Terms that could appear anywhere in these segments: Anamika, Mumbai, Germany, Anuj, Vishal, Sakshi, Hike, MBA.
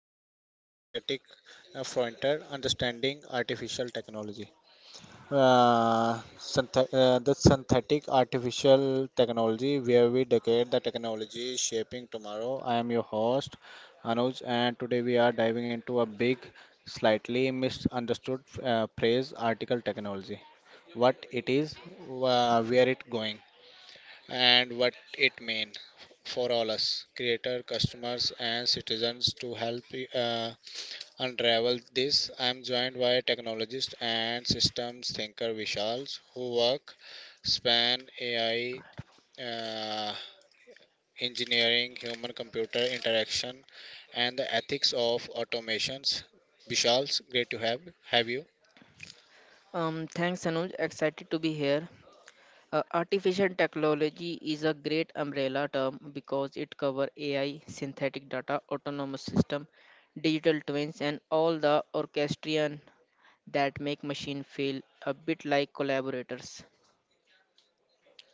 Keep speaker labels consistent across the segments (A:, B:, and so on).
A: talking about synthetic frontier understanding artificial technology. The synthetic artificial technology, where we decade the technology shaping tomorrow. I am your host Anuj, and today we are diving into a big, slightly misunderstood phrase, article technology. What it is, where it going and what it mean for all us creator customers and citizens to help uh, unravel this. I am joined by technologist and systems thinker Vishal, who work span AI, uh, engineering human computer interaction and the ethics of automations. Vishal, great to have you.
B: Thanks, Anuj. Excited to be here. Artificial technology is a great umbrella term because it covers AI, synthetic data, autonomous system, digital twins, and all the orchestrion that make machine feel a bit like collaborators.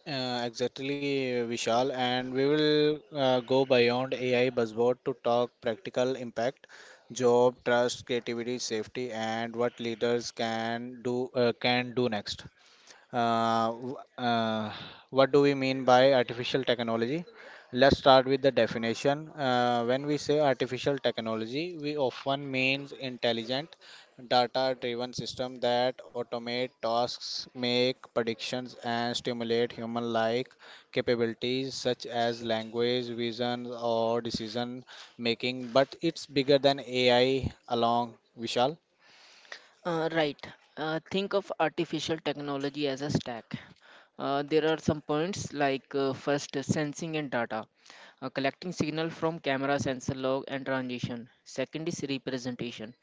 A: Exactly, Vishal, and we will go beyond AI buzzword to talk practical impact, job, trust, creativity, safety, and what leaders can do next. Uh, w- uh, what do we mean by artificial technology? Let's start with the definition. When we say artificial technology, we often means intelligent, data-driven system that automate tasks, make predictions, and stimulate human-like capabilities such as language, vision, or decision making. But it's bigger than AI along, Vishal.
B: Right. Think of artificial technology as a stack. There are some points like first sensing and data, collecting signal from camera, sensor log, and transition. Second is representation,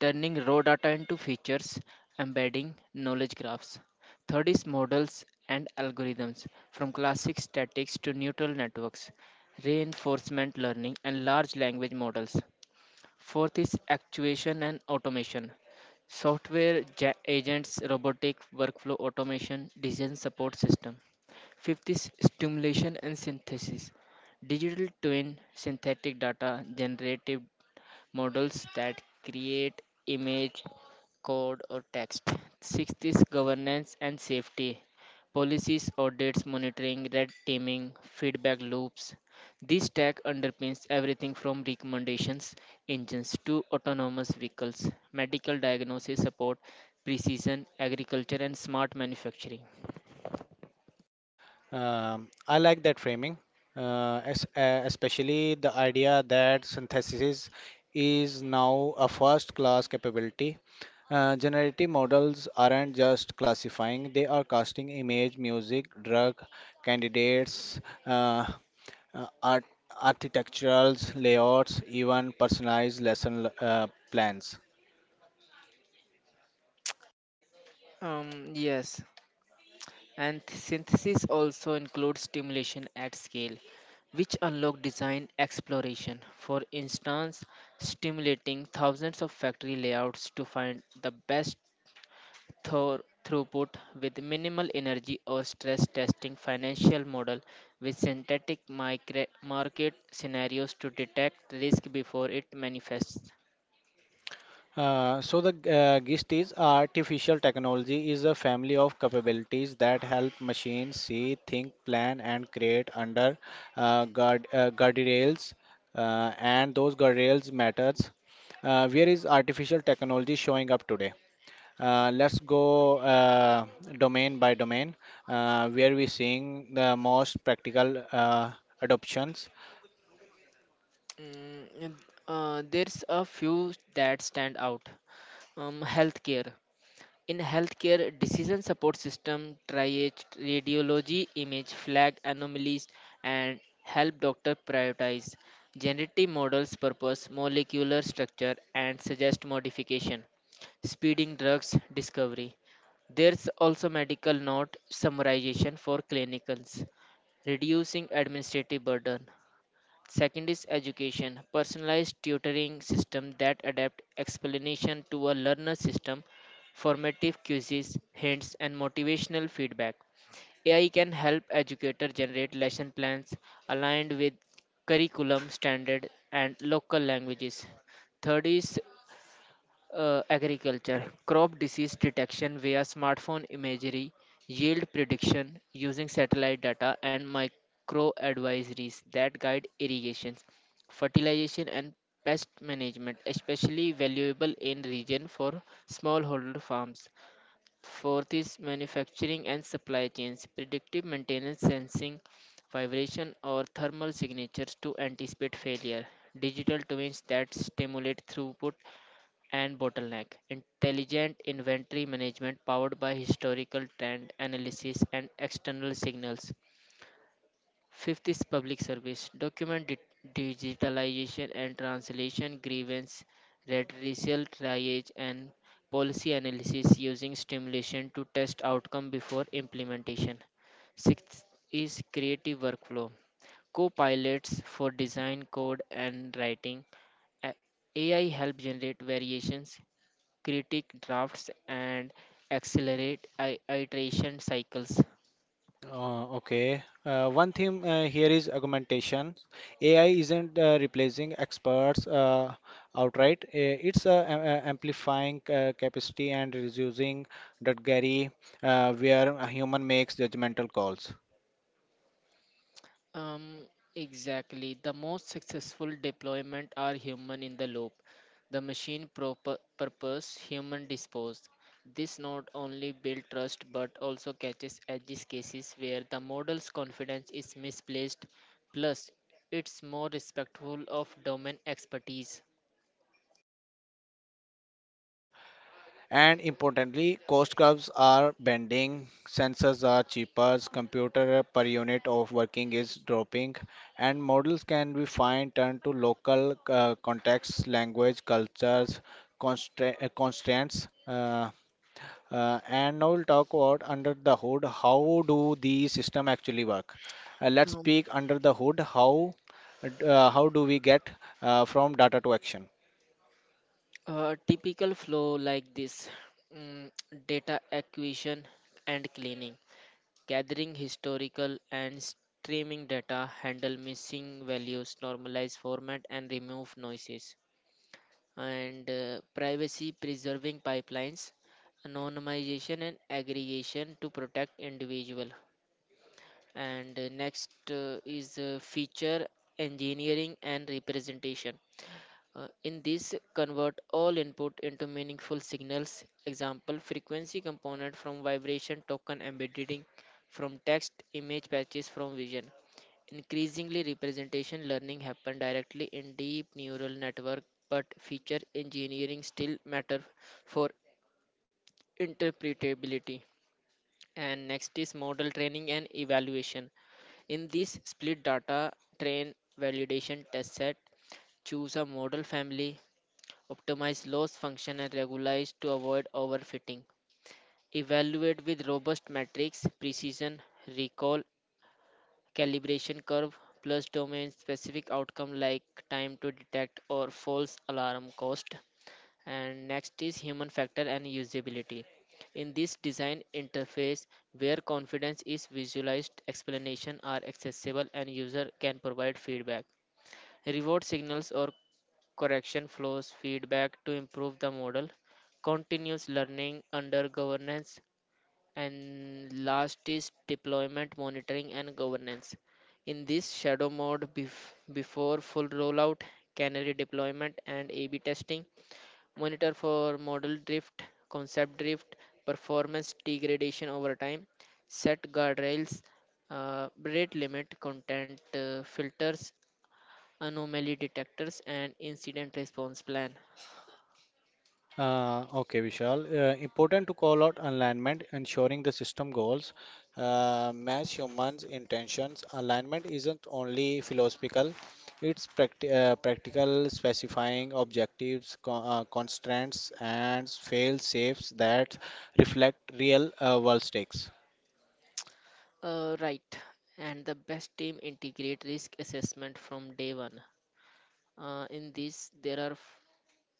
B: turning raw data into features, embedding knowledge graphs. Third is models and algorithms, from classic statics to neural networks, reinforcement learning, and large language models. Fourth is actuation and automation. Software agents, robotic workflow automation, design support system. Fifth is stimulation and synthesis. Digital twin, synthetic data, generative models that create image, code, or text. Sixth is governance and safety. Policies, audits, monitoring, red teaming, feedback loops. This stack underpins everything from recommendations engines to autonomous vehicles, medical diagnosis support, precision agriculture, and smart manufacturing.
A: I like that framing, especially the idea that synthesis is now a first class capability. Generative models aren't just classifying, they are casting image, music, drug, candidates, uh, art, architecturals, layouts, even personalized lesson plans.
B: Yes, and synthesis also includes stimulation at scale, which unlock design exploration. For instance, stimulating thousands of factory layouts to find the best thor- throughput with minimal energy or stress testing financial model with synthetic market scenarios to detect risk before it manifests.
A: So the GIST is artificial technology is a family of capabilities that help machines see, think, plan, and create under guardrails, and those guardrails matters. Where is artificial technology showing up today? Let's go domain by domain, where we seeing the most practical adoptions.
B: Mm, and, there's a few that stand out. Healthcare. In healthcare, decision support system triage radiology image flag anomalies and help doctor prioritize. Generative models purpose molecular structure and suggest modification, speeding drugs discovery. There's also medical note summarization for clinicians, reducing administrative burden. Second is education, personalized tutoring system that adapt explanation to a learner system, formative quizzes, hints and motivational feedback. AI can help educator generate lesson plans aligned with curriculum standard and local languages. Third is agriculture, crop disease detection via smartphone imagery, yield prediction using satellite data, and micro advisories that guide irrigations, fertilization, and pest management, especially valuable in region for smallholder farms. Fourth is manufacturing and supply chains, predictive maintenance sensing, vibration or thermal signatures to anticipate failure, digital twins that stimulate throughput and bottleneck. Intelligent inventory management powered by historical trend analysis and external signals. Fifth is public service. Document digitalization and translation, grievance, redressal, triage, and policy analysis using stimulation to test outcome before implementation. Sixth is creative workflow. Co-pilots for design, code, and writing. A- AI help generate variations, critique drafts and accelerate iteration cycles.
A: Okay. One thing here is augmentation. AI isn't replacing experts outright. It's amplifying capacity and reducing that gary, where a human makes judgmental calls.
B: Um, exactly. The most successful deployment are human in the loop, the machine proper purpose, human disposed. This not only builds trust but also catches edges cases where the model's confidence is misplaced. Plus, it's more respectful of domain expertise.
A: And importantly, cost curves are bending, sensors are cheaper, computer per unit of working is dropping, and models can be fine tuned to local contexts, language, cultures, constraints. And now we'll talk about under the hood how do these system actually work. Let's speak under the hood how, how do we get from data to action.
B: A typical flow like this mm, data acquisition and cleaning, gathering historical and streaming data, handle missing values, normalize format, and remove noises. And privacy preserving pipelines, anonymization and aggregation to protect individual. And next is feature engineering and representation in this, convert all input into meaningful signals. Example, frequency component from vibration, token embedding from text, image patches from vision. Increasingly, representation learning happen directly in deep neural network, but feature engineering still matter for interpretability. And next is model training and evaluation. In this split data train validation test set, choose a model family, optimize loss function and regularize to avoid overfitting. Evaluate with robust metrics, precision, recall, calibration curve, plus domain specific outcome like time to detect or false alarm cost. And next is human factor and usability. In this design interface, where confidence is visualized, explanation are accessible and user can provide feedback. Reward signals or correction flows feedback to improve the model, continuous learning under governance, and last is deployment monitoring and governance. In this shadow mode, before full rollout, canary deployment and A B testing, monitor for model drift, concept drift, performance degradation over time, set guardrails, rate limit, content filters, anomaly detectors, and incident response plan.
A: Okay, Vishal. Important to call out alignment, ensuring the system goals match humans' intentions. Alignment isn't only philosophical; it's practical, specifying objectives, co constraints, and fail-safes that reflect real-world stakes.
B: Right, and the best team integrate risk assessment from day 1. In this, there are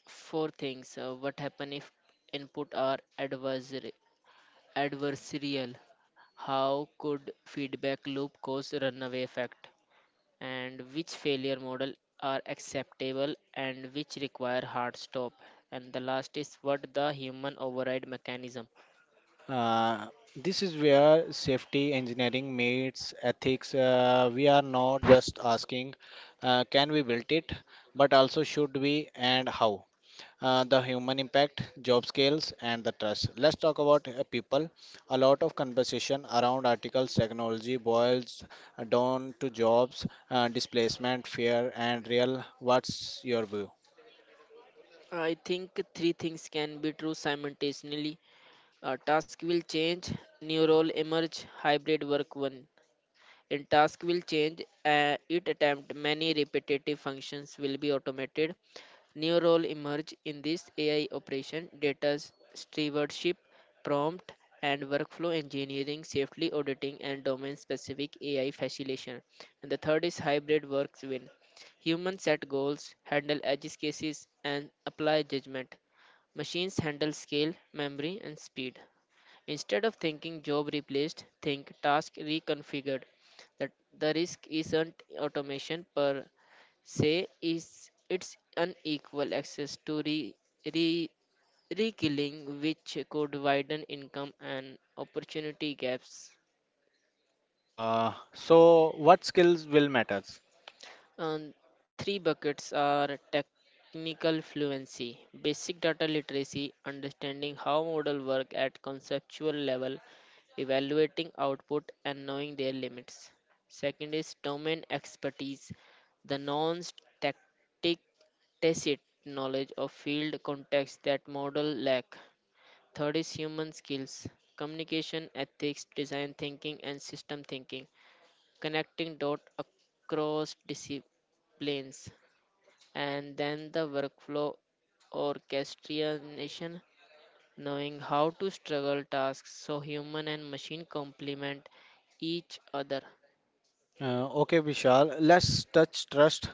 B: four things. What happen if input are adversarial? How could feedback loop cause runaway effect? And which failure model are acceptable and which require hard stop? And the last is what the human override mechanism.
A: Uh, this is where safety engineering meets ethics. We are not just asking, can we build it, but also should we and how. The human impact, job scales, and the trust. Let's talk about people. A lot of conversation around articles technology boils down to jobs, displacement, fear, and real. What's your view?
B: I think three things can be true simultaneously. Task will change, new role emerge, hybrid work one. In task will change, it attempt many repetitive functions will be automated. New role emerge in this AI operation, data stewardship, prompt and workflow engineering, safely auditing and domain specific AI facilitation. And the third is hybrid works win. Humans set goals, handle edge cases and apply judgment. Machines handle scale, memory and speed. Instead of thinking job replaced, think task reconfigured. The, the risk isn't automation per se, is it's unequal access to re, rekilling, which could widen income and opportunity gaps.
A: So, what skills will matter?
B: Um, Three buckets are technical fluency, basic data literacy, understanding how models work at conceptual level, evaluating output, and knowing their limits. Second is domain expertise, the non static tacit knowledge of field context that model lack. Third is human skills, communication, ethics, design thinking, and system thinking connecting dots across disciplines, and then the workflow orchestration, knowing how to struggle tasks so human and machine complement each other.
A: Okay, Vishal, let's touch trust.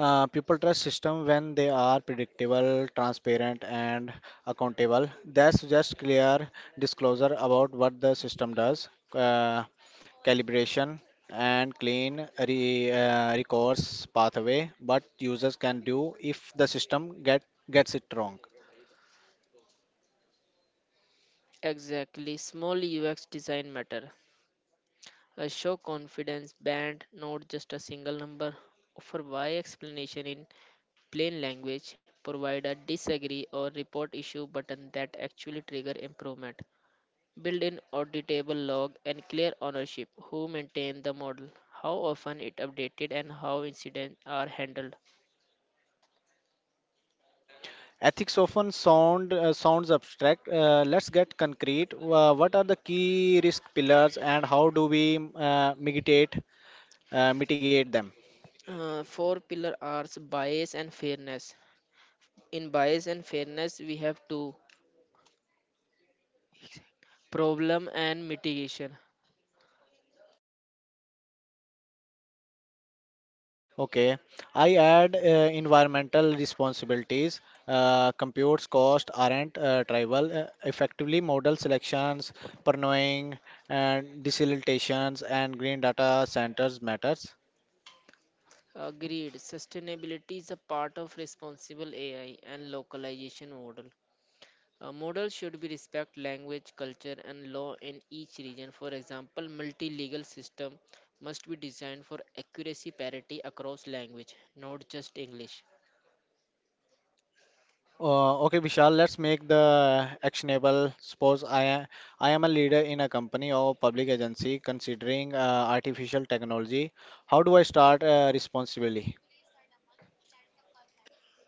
A: People trust system when they are predictable, transparent, and accountable. That's just clear disclosure about what the system does, calibration, and clean recourse pathway. What users can do if the system get gets it wrong.
B: Exactly, small UX design matter. A show confidence band, not just a single number. Offer why explanation in plain language. Provide a disagree or report issue button that actually trigger improvement. Build in auditable log and clear ownership. Who maintained the model? How often it updated and how incidents are handled.
A: Ethics often sounds abstract. Let's get concrete. What are the key risk pillars and how do we mitigate them?
B: Four pillar are bias and fairness. In bias and fairness, we have two problem and mitigation.
A: Okay, I add environmental responsibilities. Computes cost aren't trivial. Effectively, model selections, pernowing, and desalinations and green data centers matters.
B: Agreed. Sustainability is a part of responsible AI and localization model. A model should be respect language, culture, and law in each region. For example, multi-legal system must be designed for accuracy parity across language, not just English.
A: Okay, Vishal, let's make the actionable. Suppose I am a leader in a company or public agency considering artificial technology. How do I start responsibly?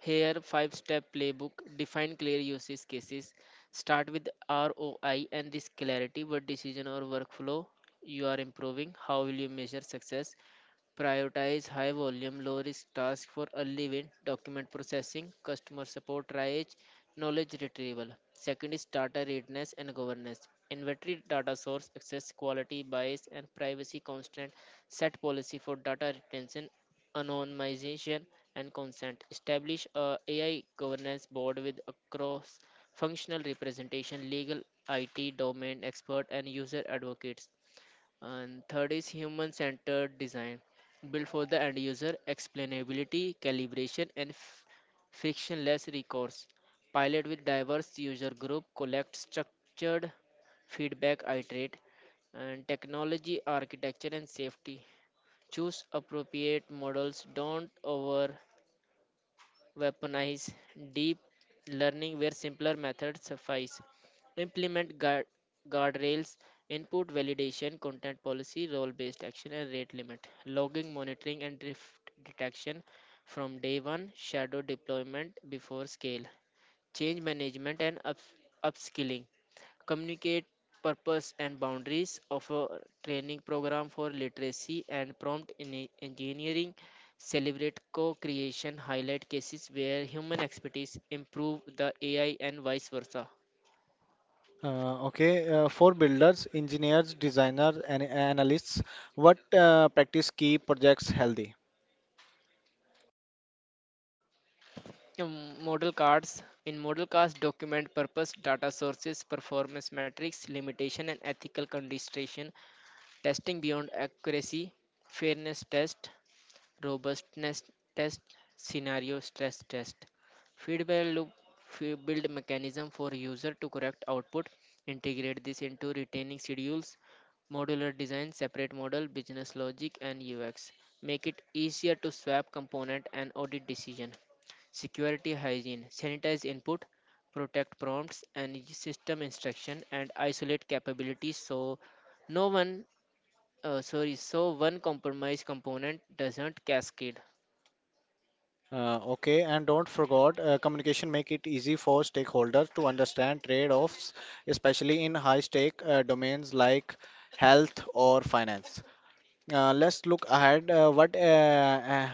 B: Here, five-step playbook: define clear usage cases, start with ROI and risk clarity. What decision or workflow you are improving? How will you measure success? Prioritize high volume, low risk tasks for early win, document processing, customer support triage, knowledge retrieval. Second is data readiness and governance. Inventory data source access quality bias and privacy constraint. Set policy for data retention, anonymization and consent. Establish a AI governance board with across functional representation, legal, IT, domain expert and user advocates. And third is human centered design, built for the end user, explainability, calibration, and frictionless recourse. Pilot with diverse user group, collect structured feedback, iterate, and technology, architecture, and safety. Choose appropriate models, don't over weaponize deep learning where simpler methods suffice, implement guardrails, input validation, content policy, role based action, and rate limit, logging, monitoring, and drift detection from day one, shadow deployment before scale, change management and upskilling, communicate purpose and boundaries of a training program for literacy and prompt in engineering, celebrate co-creation, highlight cases where human expertise improve the AI and vice versa.
A: Okay, for builders, engineers, designers, and analysts, what practice keep projects healthy?
B: Um, Model cards. In model cards document purpose data sources performance metrics limitation and ethical consideration. Testing beyond accuracy, fairness test, robustness test, scenario stress test. Feedback loop, build mechanism for user to correct output. Integrate this into retaining schedules, modular design, separate model, business logic, and UX. Make it easier to swap component and audit decision. Security hygiene, sanitize input, protect prompts and system instruction, and isolate capabilities so no one sorry, so one compromise component doesn't cascade.
A: Okay, and don't forget, communication make it easy for stakeholders to understand trade-offs, especially in high-stake domains like health or finance. Let's look ahead. Uh, what uh, uh,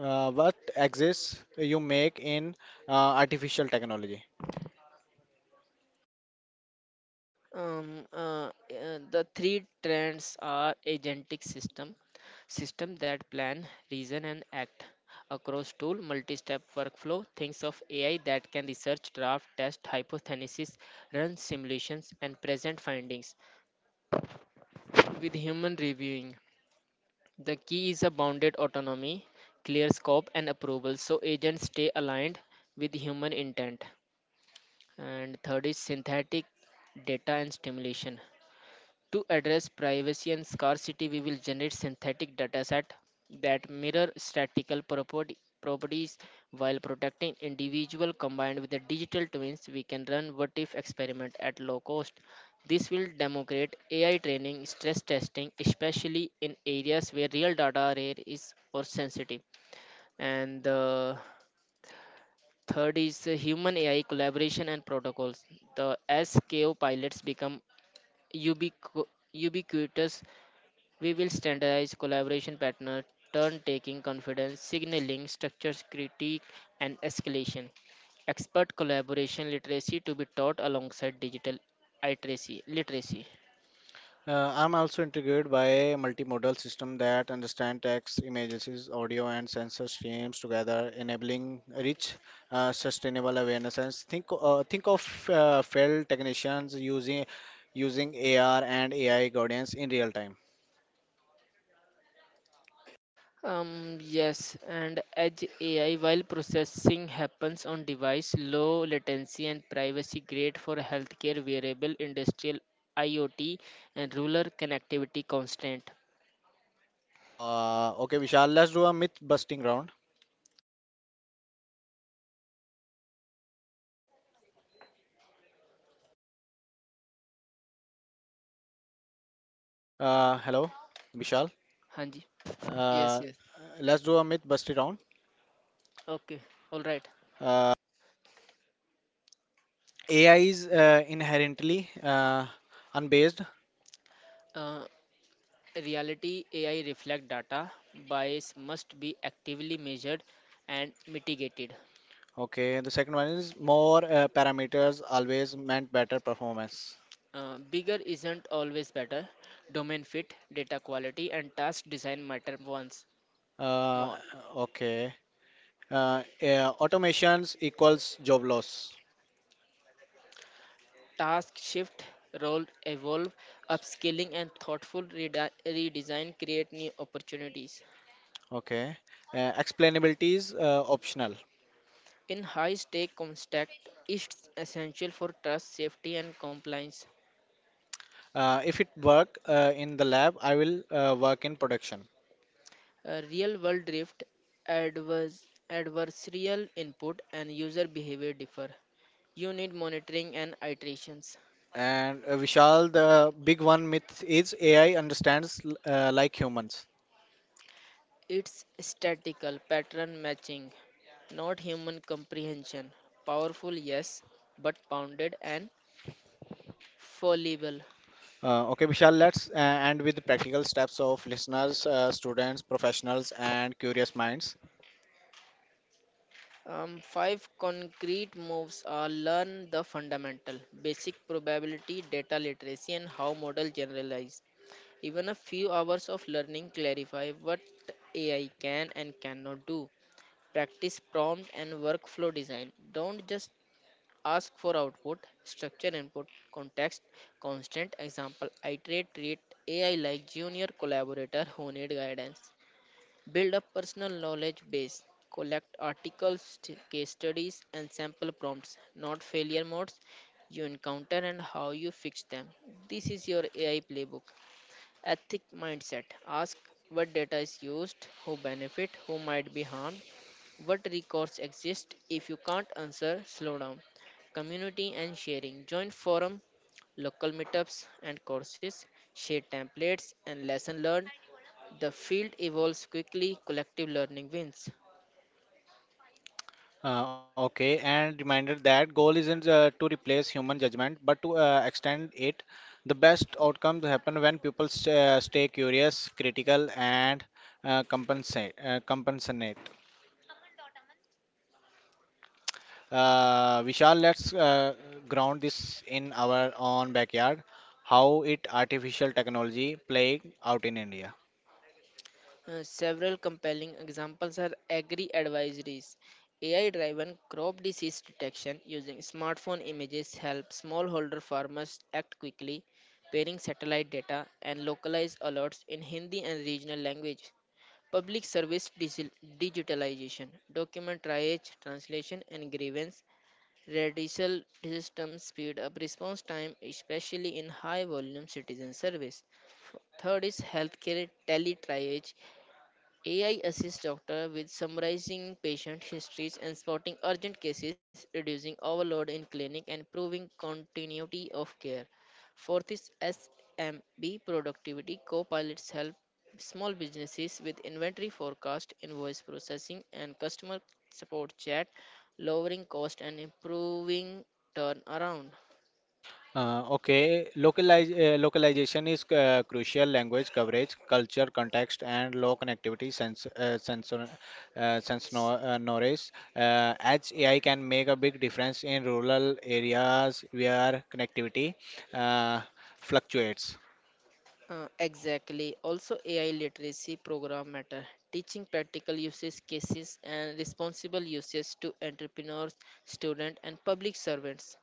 A: uh, What exists you make in uh, artificial technology?
B: The three trends are agentic system, system that plan, reason, and act. Across tool, multi-step workflow, things of AI that can research, draft, test, hypothesis, run simulations, and present findings with human reviewing. The key is a bounded autonomy, clear scope, and approval, so agents stay aligned with human intent. And third is synthetic data and stimulation. To address privacy and scarcity, we will generate synthetic dataset that mirror statistical properties while protecting individual, combined with the digital twins we can run what if experiment at low cost. This will demonstrate AI training stress testing especially in areas where real data are rare is or sensitive. And the third is human AI collaboration and protocols. The SKO pilots become ubiqu- ubiquitous. We will standardize collaboration pattern, turn taking, confidence, signaling, structures critique, and escalation. Expert collaboration literacy to be taught alongside digital literacy.
A: I'm also intrigued by a multimodal system that understand text, images, audio, and sensor streams together, enabling rich, sustainable awareness. And think of field technicians using AR and AI guidance in real time.
B: Yes, and edge AI while processing happens on device, low latency and privacy great for healthcare, wearable, industrial, IoT, and rural connectivity constant.
A: Okay, Vishal, let's do a myth busting round. Hello, Vishal.
B: हाँ जी Yes,
A: Uh,
B: yes.
A: let's do a myth busting round.
B: Okay, all right.
A: Uh, AI is inherently unbased.
B: Uh, Reality AI reflect data. Bias must be actively measured and mitigated.
A: Okay, the second one is more parameters always meant better performance.
B: Bigger isn't always better. Domain fit, data quality, and task design matter once
A: Uh,
B: more.
A: okay, yeah, automations equals job loss.
B: Task shift, role evolve, upskilling and thoughtful redesign create new opportunities.
A: Okay, explainability is optional.
B: In high stake context, it's essential for trust, safety, and compliance.
A: If it work in the lab, I will work in production.
B: A real world drift, adversarial input, and user behavior differ. You need monitoring and iterations.
A: And Vishal, the big one myth is AI understands like humans.
B: It's statistical pattern matching, not human comprehension. Powerful, yes, but bounded and fallible.
A: Okay, Vishal, let's end with practical steps of listeners, students, professionals, and curious minds.
B: Five concrete moves are: learn the fundamental, basic probability, data literacy, and how model generalize. Even a few hours of learning clarify what AI can and cannot do. Practice prompt and workflow design. Don't just ask for output, structure input, context, constant example. Iterate, treat AI like junior collaborator who need guidance. Build a personal knowledge base. Collect articles, case studies, and sample prompts, not failure modes you encounter and how you fix them. This is your AI playbook. Ethic mindset. Ask what data is used, who benefit, who might be harmed, what recourse exists. If you can't answer, slow down. Community and sharing. Join forum, local meetups and courses, share templates and lesson learned, the field evolves quickly, collective learning wins.
A: Okay, and reminder that goal isn't to replace human judgment, but to extend it. The best outcomes happen when people stay curious, critical, and compensate. Compensate. Vishal, let's ground this in our own backyard. How it artificial technology playing out in India.
B: Several compelling examples are agri advisories. AI driven crop disease detection using smartphone images help smallholder farmers act quickly, pairing satellite data and localized alerts in Hindi and regional language. Public service digitalization, document triage, translation, and grievance Radical systems speed up response time, especially in high volume citizen service. Third is healthcare teletriage. AI assists doctor with summarizing patient histories and spotting urgent cases, reducing overload in clinic and improving continuity of care. Fourth is SMB productivity. Co-pilots help small businesses with inventory forecast, invoice processing, and customer support chat, lowering cost and improving turnaround.
A: Okay, localize, localization is crucial. Language coverage, culture, context, and low connectivity, sense, sense no, knowledge. As AI can make a big difference in rural areas where connectivity uh, fluctuates.
B: Exactly. Also, AI literacy program matter. Teaching practical usage cases and responsible usage to entrepreneurs, students, and public servants.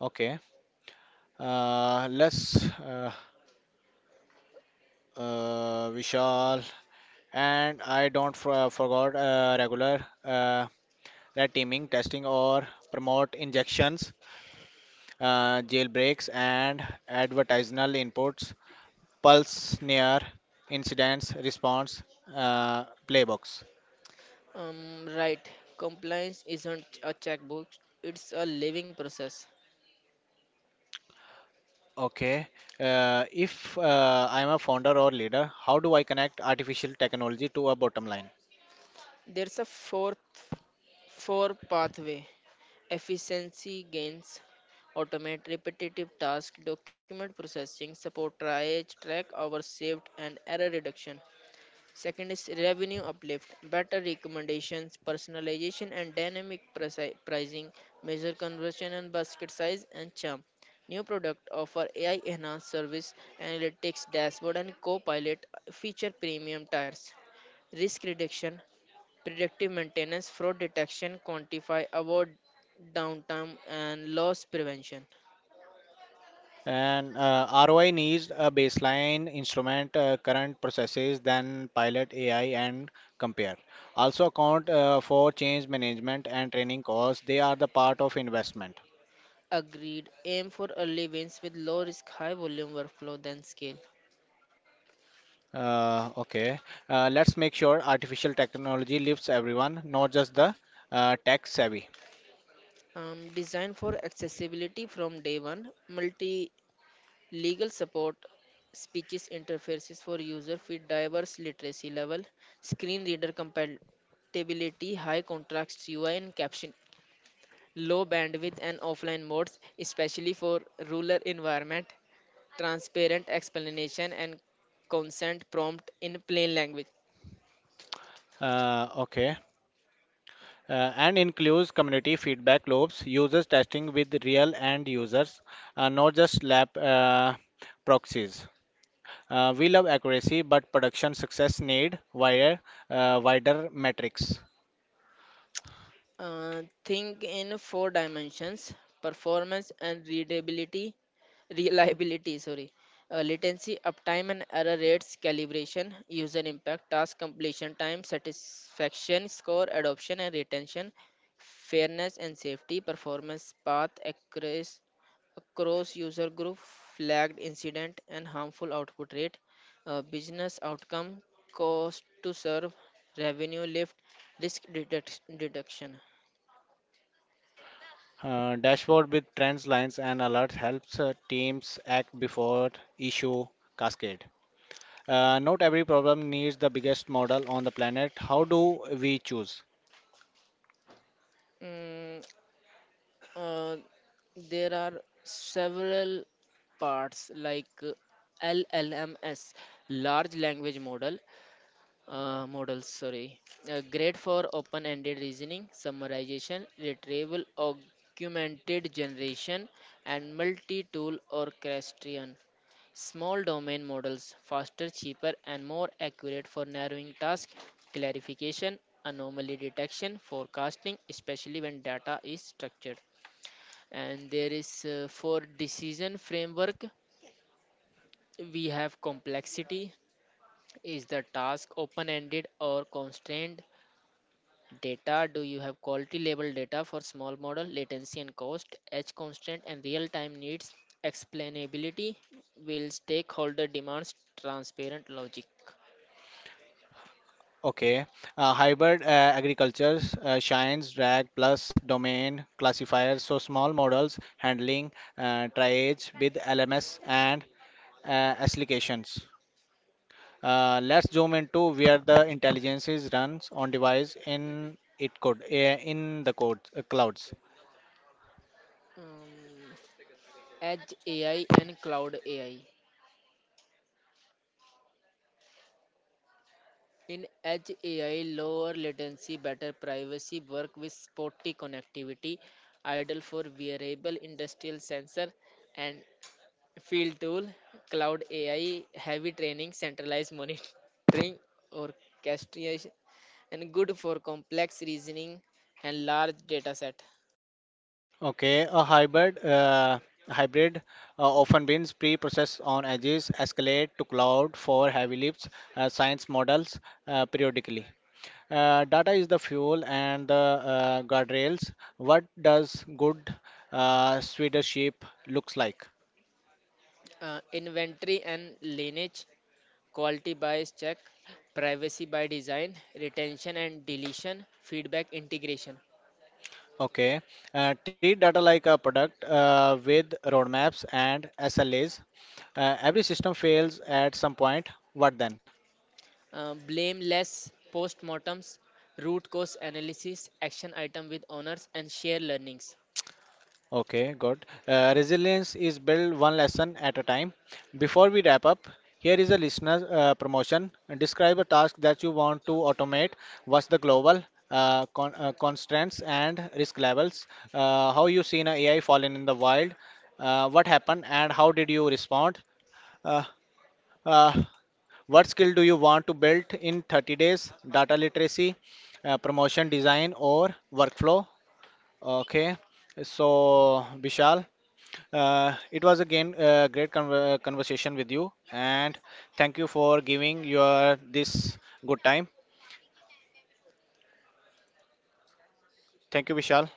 A: Okay, let's Vishal, and I don't forgot regular red teaming testing or promote injections, jailbreaks and advertisanal inputs, pulse near incidents response playbooks.
B: Right. Compliance isn't a checkbook; it's a living process.
A: Okay, if I'm a founder or leader, how do I connect artificial technology to a bottom line?
B: There's a fourth, Four pathway: efficiency gains, automate repetitive tasks, document processing, support triage, track hours saved, and error reduction. Second is revenue uplift, better recommendations, personalization, and dynamic pricing, measure conversion and basket size and charm. New product offer AI enhanced service, analytics dashboard, and co-pilot feature premium tires. Risk reduction, predictive maintenance, fraud detection, quantify, avoid downtime, and loss prevention.
A: And ROI needs a baseline instrument, current processes, then pilot AI and compare. Also account for change management and training costs. They are the part of investment.
B: Agreed. Aim for early wins with low risk, high volume workflow, then scale.
A: Okay. Let's make sure artificial technology lifts everyone, not just the tech savvy.
B: Designed for accessibility from day one, multi legal support, speeches interfaces for users with diverse literacy level, screen reader compatibility, high contrast UI and caption, low bandwidth and offline modes, especially for rural environment, transparent explanation and consent prompt in plain language.
A: Okay. And includes community feedback loops, users testing with real end users, not just lab proxies. We love accuracy, but production success need wider, wider metrics.
B: Think in four dimensions: performance and readability, reliability, sorry, latency, uptime and error rates, calibration, user impact, task completion time, satisfaction score, adoption and retention, fairness and safety, performance path across user group, flagged incident and harmful output rate, business outcome, cost to serve, revenue lift, detection.
A: Dashboard with trends, lines, and alerts helps teams act before issue cascade. Not every problem needs the biggest model on the planet. How do we choose?
B: Mm, uh, there are several parts like LLMS, large language model, models, sorry, great for open ended reasoning, summarization, retrieval augmented generation, and multi tool orchestration. Small domain models faster cheaper and more accurate for narrowing task clarification, anomaly detection, forecasting, especially when data is structured. And there is, for decision framework, we have complexity: is the task open ended or constrained? Data: do you have quality label data for small model, latency and cost, edge constant and real time needs, explainability? Will stakeholder demands transparent logic?
A: Okay, hybrid agriculture shines drag plus domain classifiers. So small models handling triage with LMS and uh, applications. Let's zoom into where the intelligence is runs on device in it code in the code clouds.
B: Mm. Edge AI and Cloud AI. In Edge AI, lower latency, better privacy, work with spotty connectivity, ideal for wearable industrial sensor and Field tool. Cloud AI, heavy training, centralized monitoring, orchestration, and good for complex reasoning and large data set.
A: Okay, a hybrid often means pre-processed on edges, escalate to cloud for heavy lifts, science models periodically. Data is the fuel and the guardrails. What does good leadership looks like?
B: Inventory and lineage, quality bias check, privacy by design, retention and deletion, feedback integration,
A: Okay, treat data like a product with roadmaps and SLAs. Every system fails at some point. What then?
B: blameless postmortems, root cause analysis, action item with owners, and share learnings.
A: Okay, good. Resilience is built one lesson at a time. Before we wrap up, here is a listener promotion. Describe a task that you want to automate. What's the global constraints and risk levels? How you seen a AI fallen in the wild? What happened and how did you respond? Uh, uh, what skill do you want to build in 30 days? Data literacy, promotion design, or workflow? Okay. So, Vishal. It was again a great conversation with you, and thank you for giving your this good time. Thank you, Vishal.